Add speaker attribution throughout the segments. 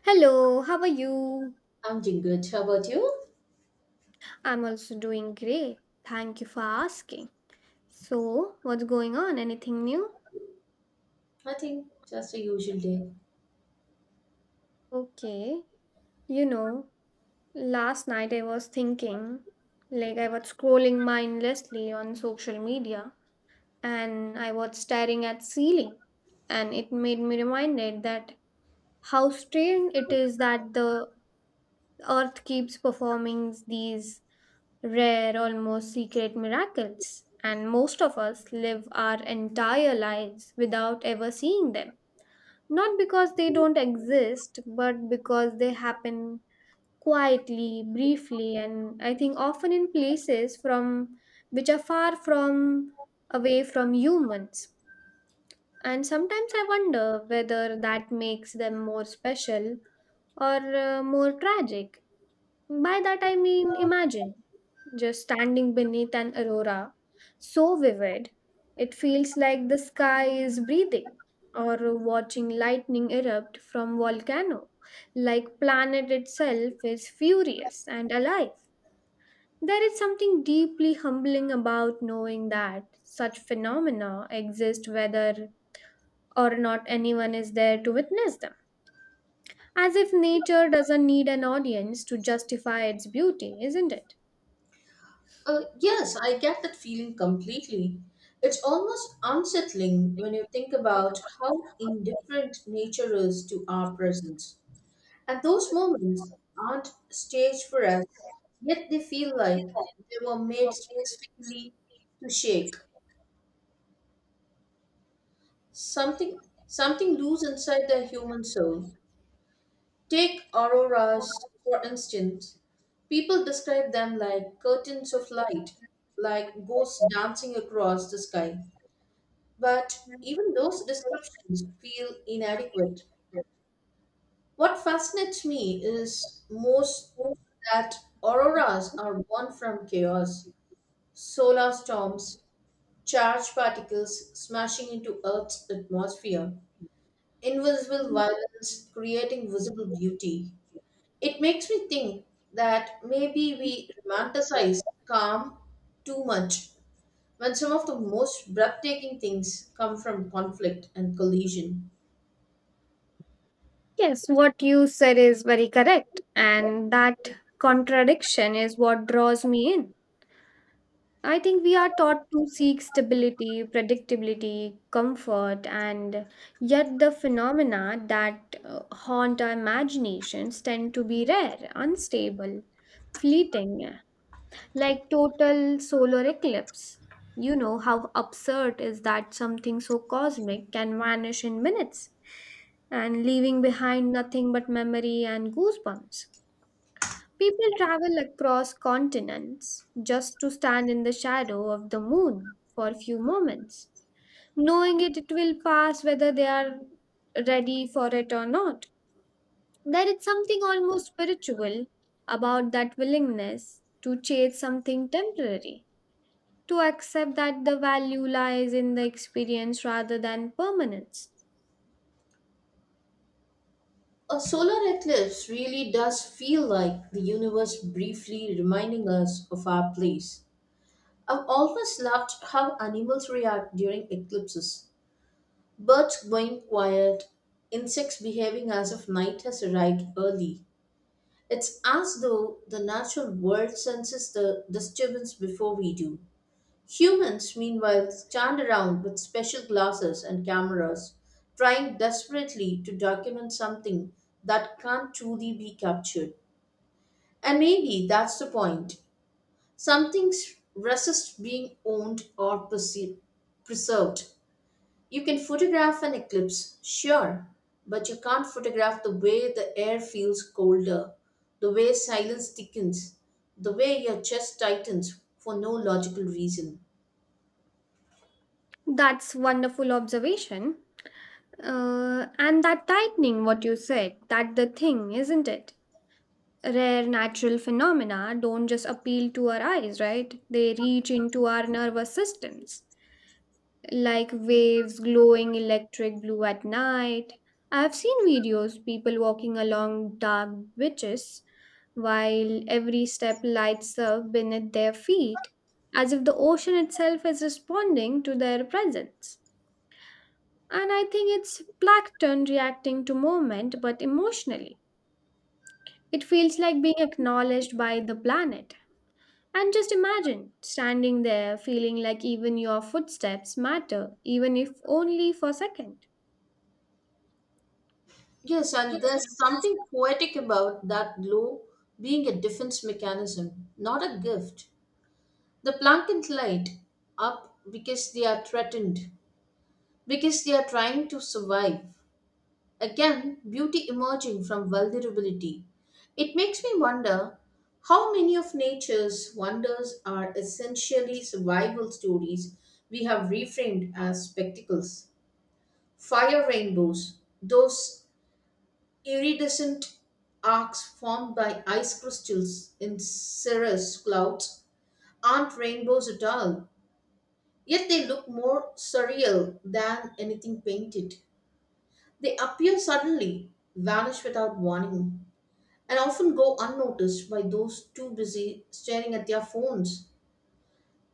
Speaker 1: Hello, how are you?
Speaker 2: I'm doing good. How about you?
Speaker 1: I'm also doing great. Thank you for asking. So, what's going on? Anything new?
Speaker 2: I think just a usual day.
Speaker 1: Okay. You know, last night I was thinking, I was scrolling mindlessly on social media and I was staring at ceiling and it made me reminded that how strange it is that the earth keeps performing these rare, almost secret miracles, and most of us live our entire lives without ever seeing them. Not because they don't exist, but because they happen quietly, briefly, and I think often in places from which are far from away from humans. And sometimes I wonder whether that makes them more special or more tragic. By that I mean imagine just standing beneath an aurora so vivid it feels like the sky is breathing, or watching lightning erupt from volcano like planet itself is furious and alive. There is something deeply humbling about knowing that such phenomena exist whether or not anyone is there to witness them, as if nature doesn't need an audience to justify its beauty, isn't it?
Speaker 2: Yes, I get that feeling completely. It's almost unsettling when you think about how indifferent nature is to our presence. And those moments aren't staged for us, yet they feel like they were made specifically to shake something something loose inside the human soul. Take auroras, for instance. People describe them like curtains of light, like ghosts dancing across the sky. But even those descriptions feel inadequate. What fascinates me is most that auroras are born from chaos, solar storms, charged particles smashing into Earth's atmosphere, invisible violence creating visible beauty. It makes me think that maybe we romanticize calm too much when some of the most breathtaking things come from conflict and collision.
Speaker 1: Yes, what you said is very correct, and that contradiction is what draws me in. I think we are taught to seek stability, predictability, comfort, and yet the phenomena that haunt our imaginations tend to be rare, unstable, fleeting, like total solar eclipse. You know how absurd is that something so cosmic can vanish in minutes and leaving behind nothing but memory and goosebumps. People travel across continents just to stand in the shadow of the moon for a few moments, knowing it will pass whether they are ready for it or not. There is something almost spiritual about that willingness to chase something temporary, to accept that the value lies in the experience rather than permanence.
Speaker 2: A solar eclipse really does feel like the universe briefly reminding us of our place. I've always loved how animals react during eclipses. Birds going quiet, insects behaving as if night has arrived early. It's as though the natural world senses the disturbance before we do. Humans, meanwhile, stand around with special glasses and cameras, trying desperately to document something that can't truly be captured. And maybe that's the point. Some things resist being owned or preserved. You can photograph an eclipse, sure, but you can't photograph the way the air feels colder, the way silence thickens, the way your chest tightens for no logical reason.
Speaker 1: That's wonderful observation. And that tightening what you said, that the thing, isn't it? Rare natural phenomena don't just appeal to our eyes, right? They reach into our nervous systems, like waves glowing electric blue at night. I've seen videos people walking along dark beaches while every step lights up beneath their feet, as if the ocean itself is responding to their presence. And I think it's plankton reacting to movement but emotionally. It feels like being acknowledged by the planet. And just imagine standing there feeling like even your footsteps matter, even if only for a second.
Speaker 2: Yes, and there's something poetic about that glow being a defense mechanism, not a gift. The plankton light up because they are threatened, because they are trying to survive. Again, beauty emerging from vulnerability. It makes me wonder how many of nature's wonders are essentially survival stories we have reframed as spectacles. Fire rainbows, those iridescent arcs formed by ice crystals in cirrus clouds, aren't rainbows at all. Yet they look more surreal than anything painted. They appear suddenly, vanish without warning, and often go unnoticed by those too busy staring at their phones.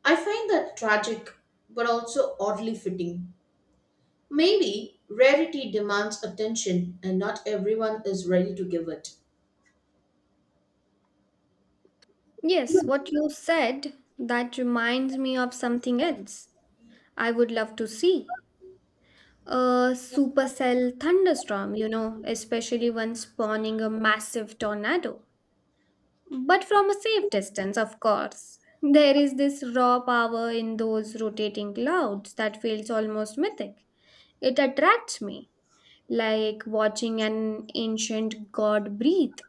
Speaker 2: I find that tragic, but also oddly fitting. Maybe rarity demands attention, and not everyone is ready to give it.
Speaker 1: Yes, what you said, that reminds me of something else I would love to see. A supercell thunderstorm, you know, especially one spawning a massive tornado. But from a safe distance, of course. There is this raw power in those rotating clouds that feels almost mythic. It attracts me, like watching an ancient god breathe.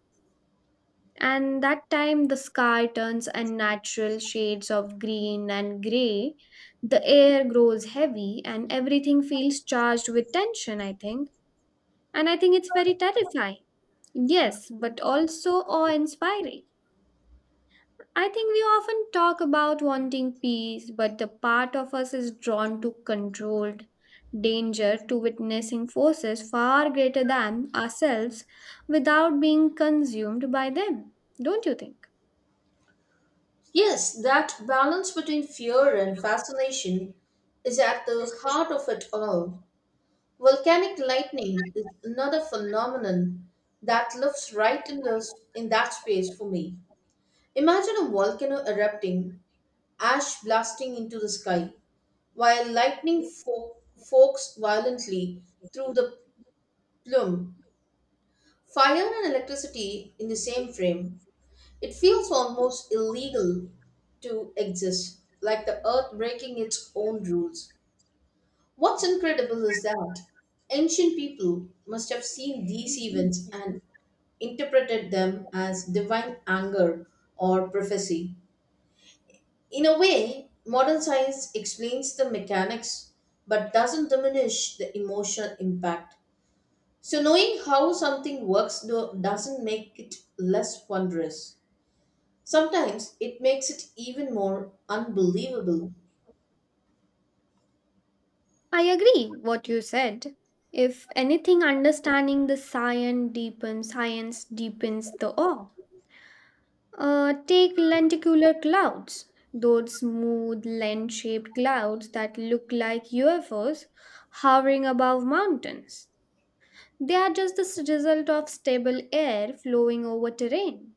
Speaker 1: And that time the sky turns unnatural shades of green and gray, the air grows heavy and everything feels charged with tension, I think. And I think it's very terrifying, yes, but also awe inspiring. I think we often talk about wanting peace, but the part of us is drawn to controlled danger, to witnessing forces far greater than ourselves without being consumed by them, don't you think?
Speaker 2: Yes, that balance between fear and fascination is at the heart of it all. Volcanic lightning is another phenomenon that lives right in that space for me. Imagine a volcano erupting, ash blasting into the sky, while lightning forks violently through the plume. Fire and electricity in the same frame. It feels almost illegal to exist, like the earth breaking its own rules. What's incredible is that ancient people must have seen these events and interpreted them as divine anger or prophecy. In a way, modern science explains the mechanics but doesn't diminish the emotional impact. So, knowing how something works doesn't make it less wondrous. Sometimes it makes it even more unbelievable.
Speaker 1: I agree what you said. If anything, understanding the science deepens the awe. Take lenticular clouds, those smooth lens-shaped clouds that look like UFOs hovering above mountains. They are just the result of stable air flowing over terrain,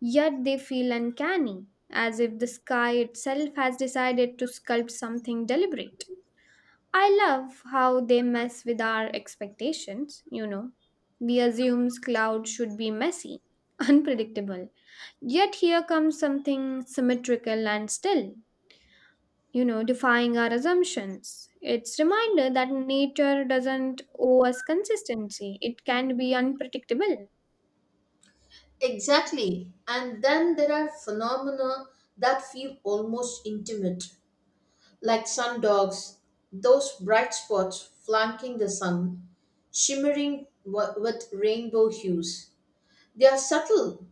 Speaker 1: yet they feel uncanny, as if the sky itself has decided to sculpt something deliberate. I love how they mess with our expectations, you know. We assumes cloud should be messy, unpredictable. Yet here comes something symmetrical and still, you know, defying our assumptions. It's reminder that nature doesn't owe us consistency. It can be unpredictable.
Speaker 2: Exactly. And then there are phenomena that feel almost intimate, like sun dogs, those bright spots flanking the sun, shimmering with rainbow hues. They are subtle,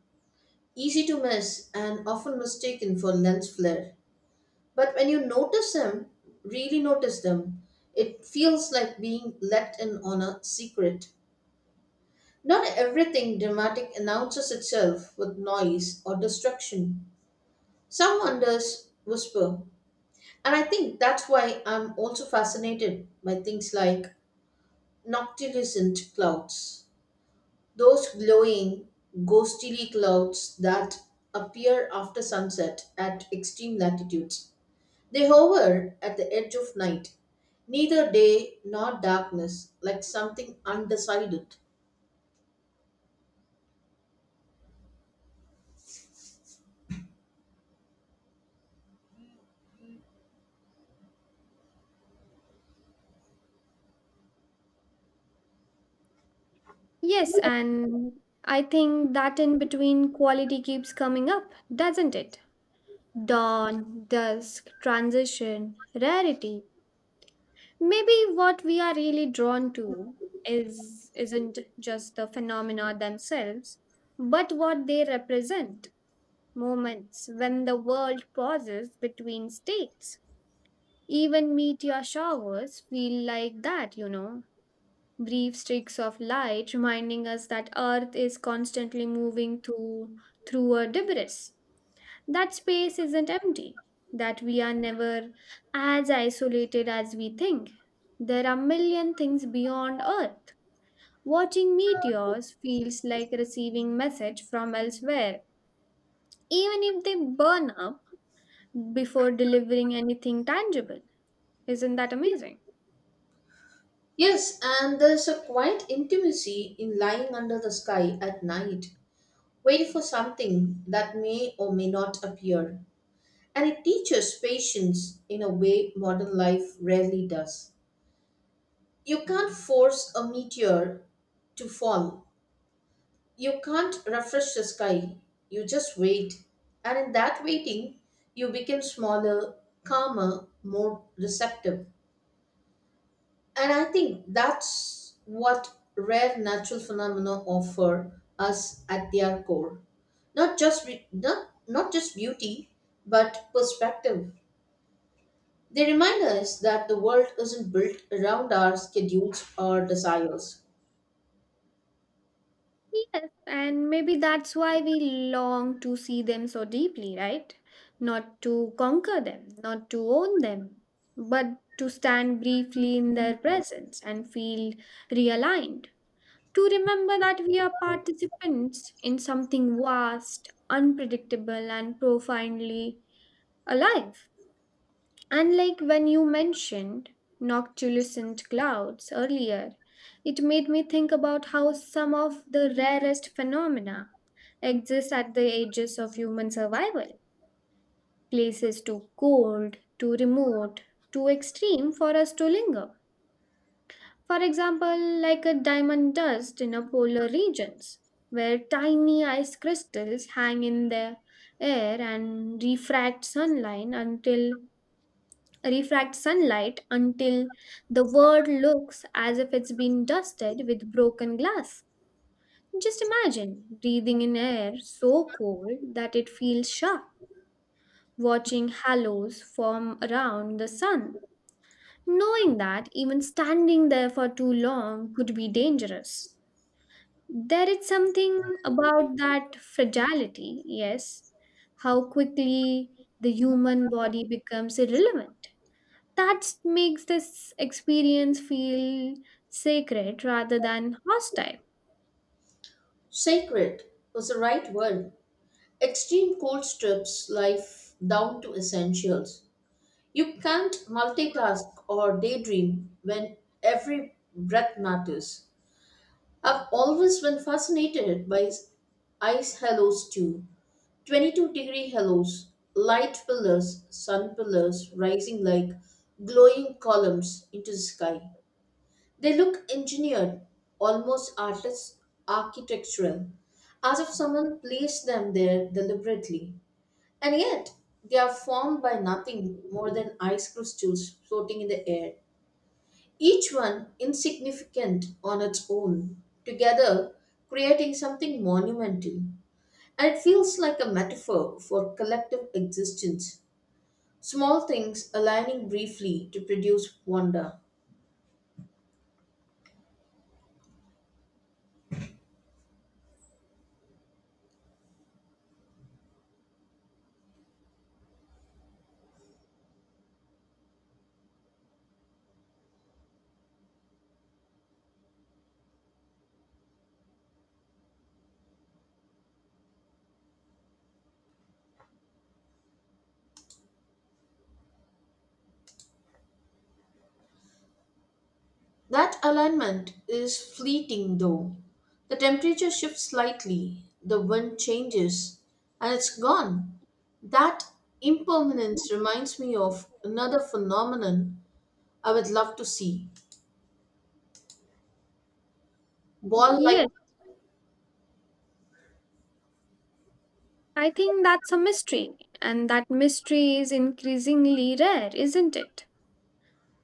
Speaker 2: easy to miss and often mistaken for lens flare. But when you notice them, really notice them, it feels like being let in on a secret. Not everything dramatic announces itself with noise or destruction. Some wonders whisper. And I think that's why I'm also fascinated by things like noctilucent clouds. Those glowing, ghostly clouds that appear after sunset at extreme latitudes. They hover at the edge of night, neither day nor darkness, like something undecided.
Speaker 1: Yes, and I think that in between quality keeps coming up, doesn't it? Dawn, dusk, transition, rarity. Maybe what we are really drawn to is isn't just the phenomena themselves, but what they represent, moments when the world pauses between states. Even meteor showers feel like that, you know, brief streaks of light reminding us that earth is constantly moving through a debris, that space isn't empty, that we are never as isolated as we think. There are million things beyond Earth. Watching meteors feels like receiving message from elsewhere, even if they burn up before delivering anything tangible. Isn't that amazing?
Speaker 2: Yes, and there's a quiet intimacy in lying under the sky at night, waiting for something that may or may not appear. And it teaches patience in a way modern life rarely does. You can't force a meteor to fall. You can't refresh the sky. You just wait. And in that waiting, you become smaller, calmer, more receptive. And I think that's what rare natural phenomena offer us at their core. Not just beauty, but perspective. They remind us that the world isn't built around our schedules or desires.
Speaker 1: Yes, and maybe that's why we long to see them so deeply, right? Not to conquer them, not to own them, but to stand briefly in their presence and feel realigned. To remember that we are participants in something vast, unpredictable, and profoundly alive. Unlike when you mentioned noctilucent clouds earlier, it made me think about how some of the rarest phenomena exist at the edges of human survival. Places too cold, too remote, too extreme for us to linger. For example, like a diamond dust in a polar regions, where tiny ice crystals hang in the air and refract sunlight until the world looks as if it's been dusted with broken glass. Just imagine breathing in air so cold that it feels sharp, watching halos form around the sun, knowing that even standing there for too long could be dangerous. There is something about that fragility, yes, how quickly the human body becomes irrelevant. That makes this experience feel sacred rather than hostile.
Speaker 2: Sacred was the right word. Extreme cold strips life down to essentials. You can't multitask or daydream when every breath matters. I've always been fascinated by ice halos too. 22-degree halos, light pillars, sun pillars rising like glowing columns into the sky. They look engineered, almost artist architectural, as if someone placed them there deliberately. And yet, they are formed by nothing more than ice crystals floating in the air, each one insignificant on its own, together creating something monumental. And it feels like a metaphor for collective existence, small things aligning briefly to produce wonder. That alignment is fleeting though. The temperature shifts slightly, the wind changes, and it's gone. That impermanence reminds me of another phenomenon I would love to see. Ball light.
Speaker 1: Yes, I think that's a mystery, and that mystery is increasingly rare, isn't it?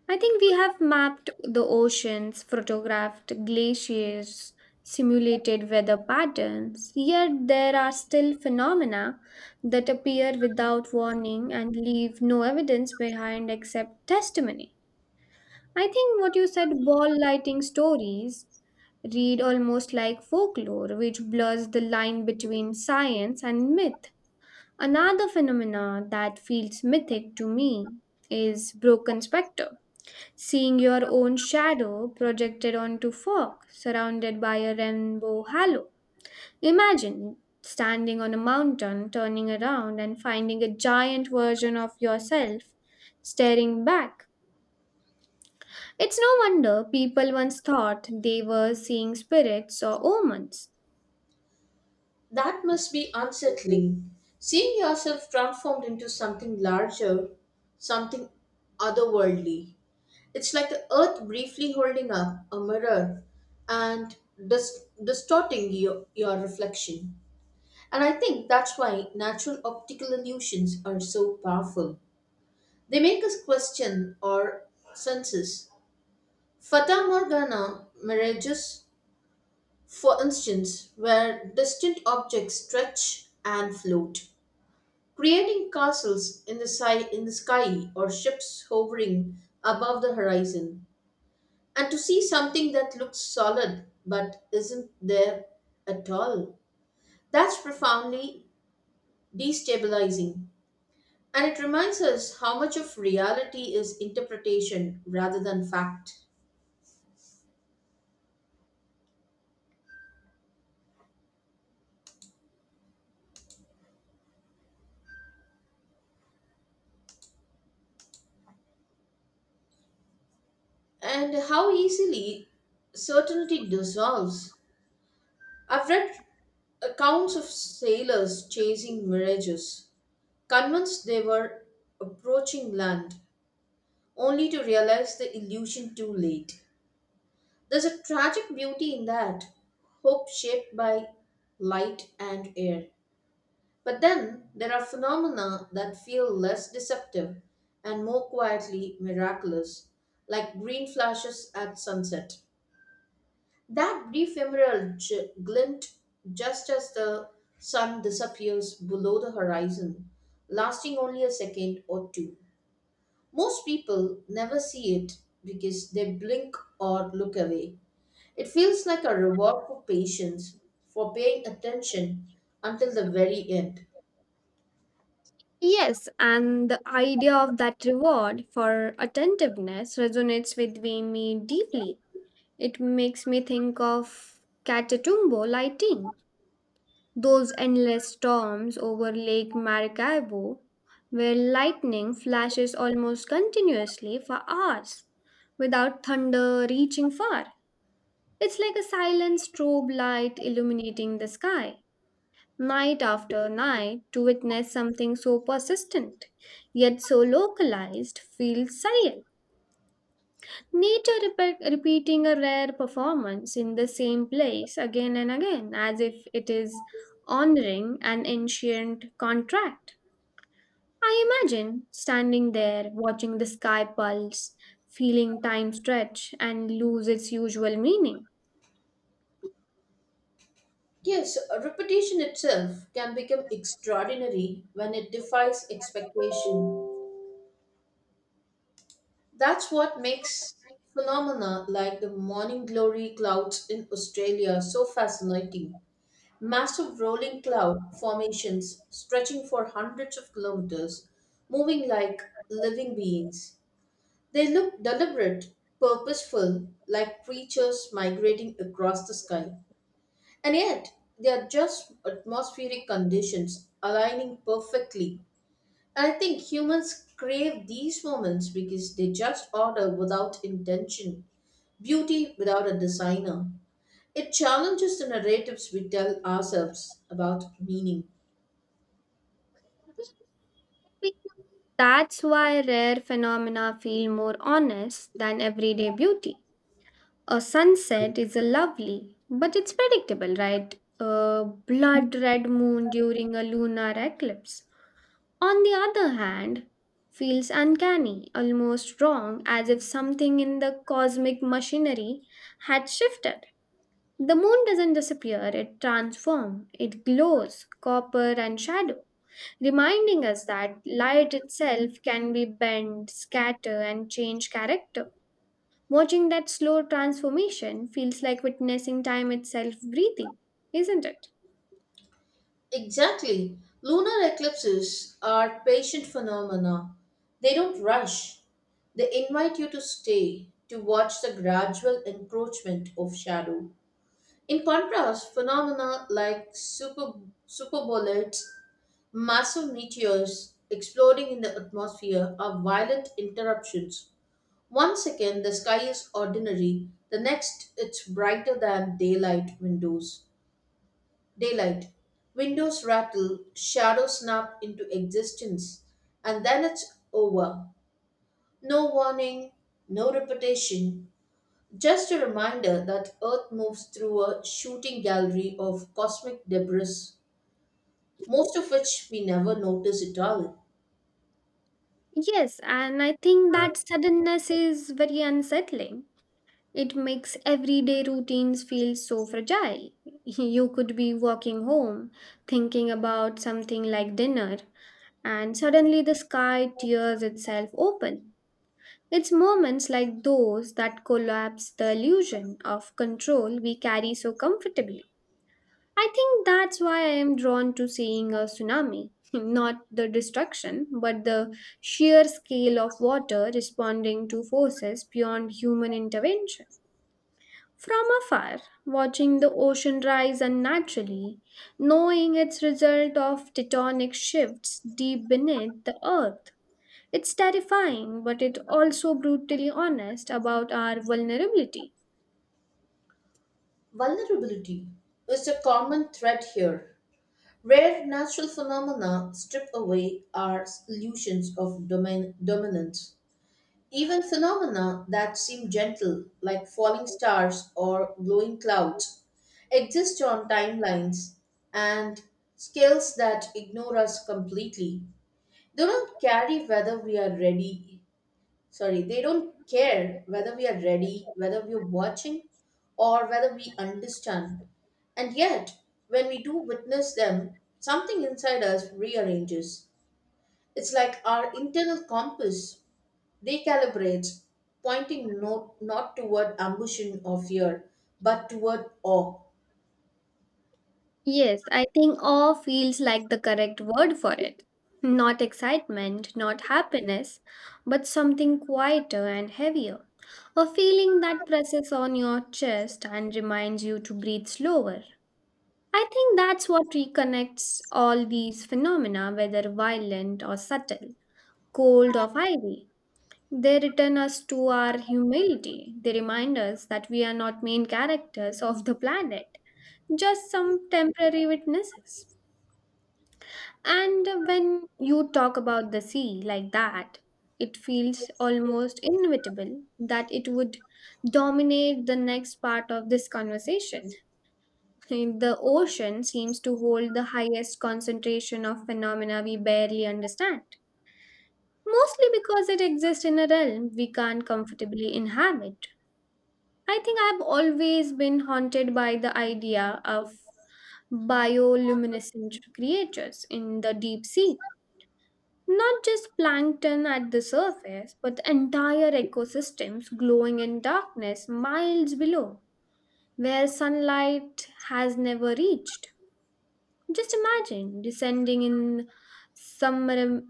Speaker 1: I think we have mapped the oceans, photographed glaciers, simulated weather patterns, yet there are still phenomena that appear without warning and leave no evidence behind except testimony. I think what you said, ball lighting stories, read almost like folklore, which blurs the line between science and myth. Another phenomena that feels mythic to me is broken spectre, seeing your own shadow projected onto fog, surrounded by a rainbow halo. Imagine standing on a mountain, turning around, and finding a giant version of yourself staring back. It's no wonder people once thought they were seeing spirits or omens.
Speaker 2: That must be unsettling. Seeing yourself transformed into something larger, something otherworldly. It's like the earth briefly holding up a mirror and distorting your reflection. And I think that's why natural optical illusions are so powerful. They make us question our senses. Fata Morgana mirages, for instance, where distant objects stretch and float, creating castles in the, in the sky or ships hovering above the horizon. And to see something that looks solid but isn't there at all, that's profoundly destabilizing. And it reminds us how much of reality is interpretation rather than fact, and how easily certainty dissolves. I've read accounts of sailors chasing mirages, convinced they were approaching land, only to realize the illusion too late. There's a tragic beauty in that, hope shaped by light and air. But then there are phenomena that feel less deceptive and more quietly miraculous, like green flashes at sunset. That brief emerald glint just as the sun disappears below the horizon, lasting only a second or two. Most people never see it because they blink or look away. It feels like a reward for patience, for paying attention until the very end.
Speaker 1: Yes, and the idea of that reward for attentiveness resonates with me deeply. It makes me think of Catatumbo lighting, those endless storms over Lake Maracaibo, where lightning flashes almost continuously for hours without thunder reaching far. It's like a silent strobe light illuminating the sky night after night. To witness something so persistent, yet so localized, feels surreal. Nature repeating a rare performance in the same place again and again, as if it is honoring an ancient contract. I imagine standing there, watching the sky pulse, feeling time stretch and lose its usual meaning.
Speaker 2: Yes, a repetition itself can become extraordinary when it defies expectation. That's what makes phenomena like the morning glory clouds in Australia so fascinating. Massive rolling cloud formations stretching for hundreds of kilometers, moving like living beings. They look deliberate, purposeful, like creatures migrating across the sky. And yet, they are just atmospheric conditions aligning perfectly. And I think humans crave these moments because they just order without intention, beauty without a designer. It challenges the narratives we tell ourselves about meaning.
Speaker 1: Maybe that's why rare phenomena feel more honest than everyday beauty. A sunset is a lovely, but it's predictable, right? A blood red moon during a lunar eclipse, on the other hand, feels uncanny, almost wrong, as if something in the cosmic machinery had shifted. The moon doesn't disappear, it transforms, it glows, copper and shadow, reminding us that light itself can be bent, scatter, and change character. Watching that slow transformation feels like witnessing time itself breathing, isn't it?
Speaker 2: Exactly. Lunar eclipses are patient phenomena. They don't rush. They invite you to stay, to watch the gradual encroachment of shadow. In contrast, phenomena like superbullets, massive meteors exploding in the atmosphere are violent interruptions. 1 second the sky is ordinary, the next it's brighter than Daylight. Windows rattle, shadows snap into existence, and then it's over. No warning, no repetition, just a reminder that Earth moves through a shooting gallery of cosmic debris, most of which we never notice at all.
Speaker 1: Yes, and I think that suddenness is very unsettling. It makes everyday routines feel so fragile. You could be walking home, thinking about something like dinner, and suddenly the sky tears itself open. It's moments like those that collapse the illusion of control we carry so comfortably. I think that's why I am drawn to seeing a tsunami. Not the destruction, but the sheer scale of water responding to forces beyond human intervention. From afar, watching the ocean rise unnaturally, knowing its result of tectonic shifts deep beneath the earth. It's terrifying, but it also brutally honest about our vulnerability.
Speaker 2: Vulnerability is a common threat here. Rare natural phenomena strip away our illusions of dominance. Even phenomena that seem gentle, like falling stars or glowing clouds, exist on timelines and scales that ignore us completely. They don't carry whether we are ready. Sorry, they don't care whether we are ready, whether we are watching, or whether we understand. And yet, when we do witness them, something inside us rearranges. It's like our internal compass recalibrates, pointing not toward ambition or fear, but toward awe.
Speaker 1: Yes, I think awe feels like the correct word for it. Not excitement, not happiness, but something quieter and heavier. A feeling that presses on your chest and reminds you to breathe slower. I think that's what reconnects all these phenomena, whether violent or subtle, cold or fiery. They return us to our humility. They remind us that we are not main characters of the planet, just some temporary witnesses. And when you talk about the sea like that, it feels almost inevitable that it would dominate the next part of this conversation. And the ocean seems to hold the highest concentration of phenomena we barely understand, mostly because it exists in a realm we can't comfortably inhabit. I think I've always been haunted by the idea of bioluminescent creatures in the deep sea. Not just plankton at the surface, but entire ecosystems glowing in darkness miles below, where sunlight has never reached. Just imagine descending in summer-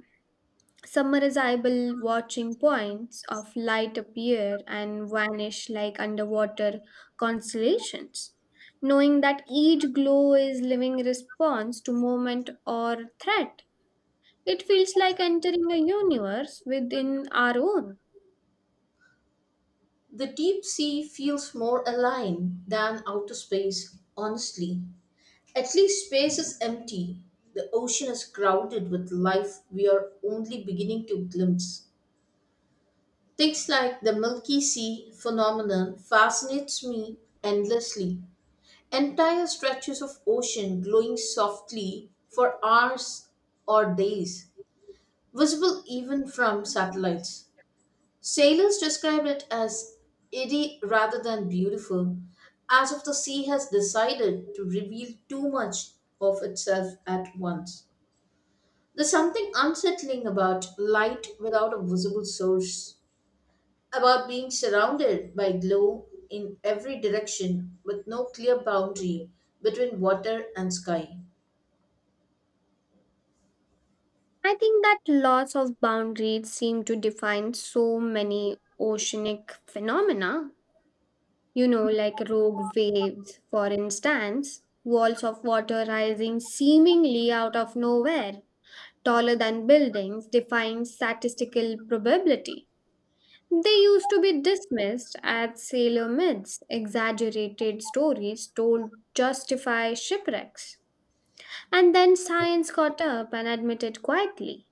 Speaker 1: summarizable, watching points of light appear and vanish like underwater constellations. Knowing that each glow is living response to moment or threat, it feels like entering a universe within our own.
Speaker 2: The deep sea feels more aligned than outer space, honestly. At least space is empty. The ocean is crowded with life we are only beginning to glimpse. Things like the Milky Sea phenomenon fascinates me endlessly. Entire stretches of ocean glowing softly for hours or days, visible even from satellites. Sailors describe it as eerie rather than beautiful, as if the sea has decided to reveal too much of itself at once. There's something unsettling about light without a visible source, about being surrounded by glow in every direction with no clear boundary between water and sky.
Speaker 1: I think that lots of boundaries seem to define so many oceanic phenomena. You know, like rogue waves, for instance, walls of water rising seemingly out of nowhere, taller than buildings, defying statistical probability. They used to be dismissed as sailor myths, exaggerated stories told justify shipwrecks. And then science got up and admitted quietly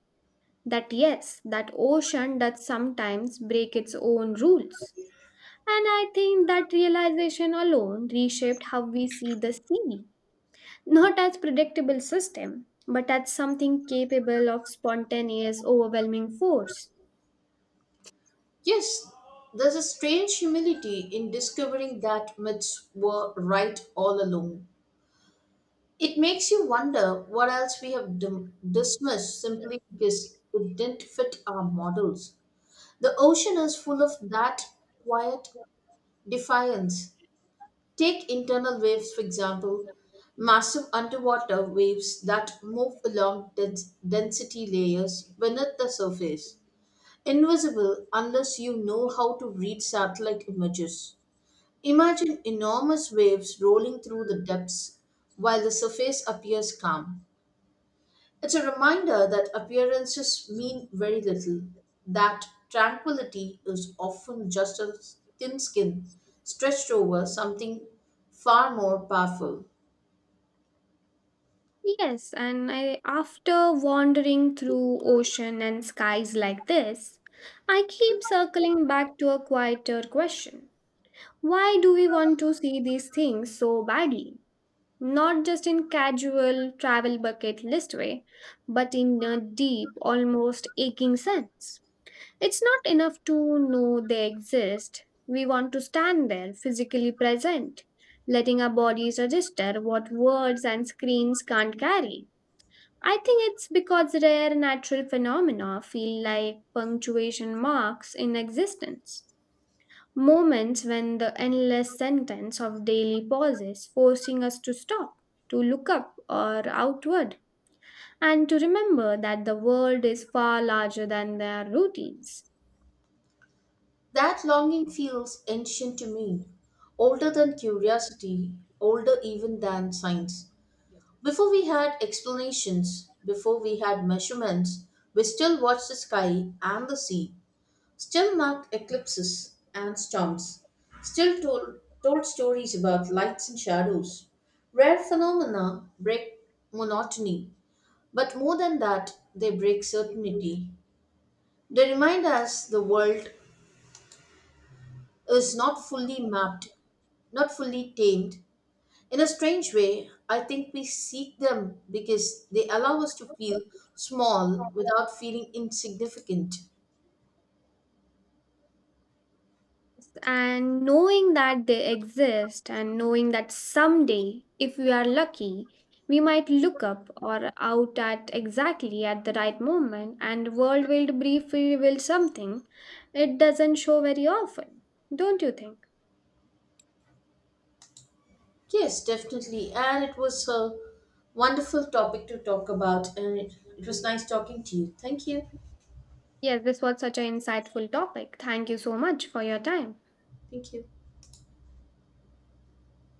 Speaker 1: that yes, that ocean does sometimes break its own rules. And I think that realization alone reshaped how we see the sea, not as predictable system, but as something capable of spontaneous, overwhelming force.
Speaker 2: Yes, there's a strange humility in discovering that myths were right all along. It makes you wonder what else we have dismissed simply because it didn't fit our models. The ocean is full of that quiet defiance. Take internal waves, for example, massive underwater waves that move along density layers beneath the surface, invisible unless you know how to read satellite images. Imagine enormous waves rolling through the depths while the surface appears calm. It's a reminder that appearances mean very little, that tranquility is often just a thin skin stretched over something far more powerful.
Speaker 1: Yes, and I, after wandering through ocean and skies like this, I keep circling back to a quieter question. Why do we want to see these things so badly? Not just in casual travel bucket list way, but in a deep, almost aching sense. It's not enough to know they exist. We want to stand there, physically present, letting our bodies register what words and screens can't carry. I think it's because rare natural phenomena feel like punctuation marks in existence. Moments when the endless sentence of daily pauses forcing us to stop, to look up or outward, and to remember that the world is far larger than their routines.
Speaker 2: That longing feels ancient to me, older than curiosity, older even than science. Before we had explanations, before we had measurements, we still watched the sky and the sea, still marked eclipses and storms, still told stories about lights and shadows. Rare phenomena break monotony, but more than that, they break certainty. They remind us the world is not fully mapped, not fully tamed. In a strange way, I think we seek them because they allow us to feel small without feeling insignificant.
Speaker 1: And knowing that they exist, and knowing that someday, if we are lucky, we might look up or out at exactly at the right moment, and the world will briefly reveal something it doesn't show very often, don't you think?
Speaker 2: Yes, definitely. And it was a wonderful topic to talk about. And it was nice talking to you. Thank you.
Speaker 1: Yes, this was such an insightful topic. Thank you so much for your time.
Speaker 2: Thank you.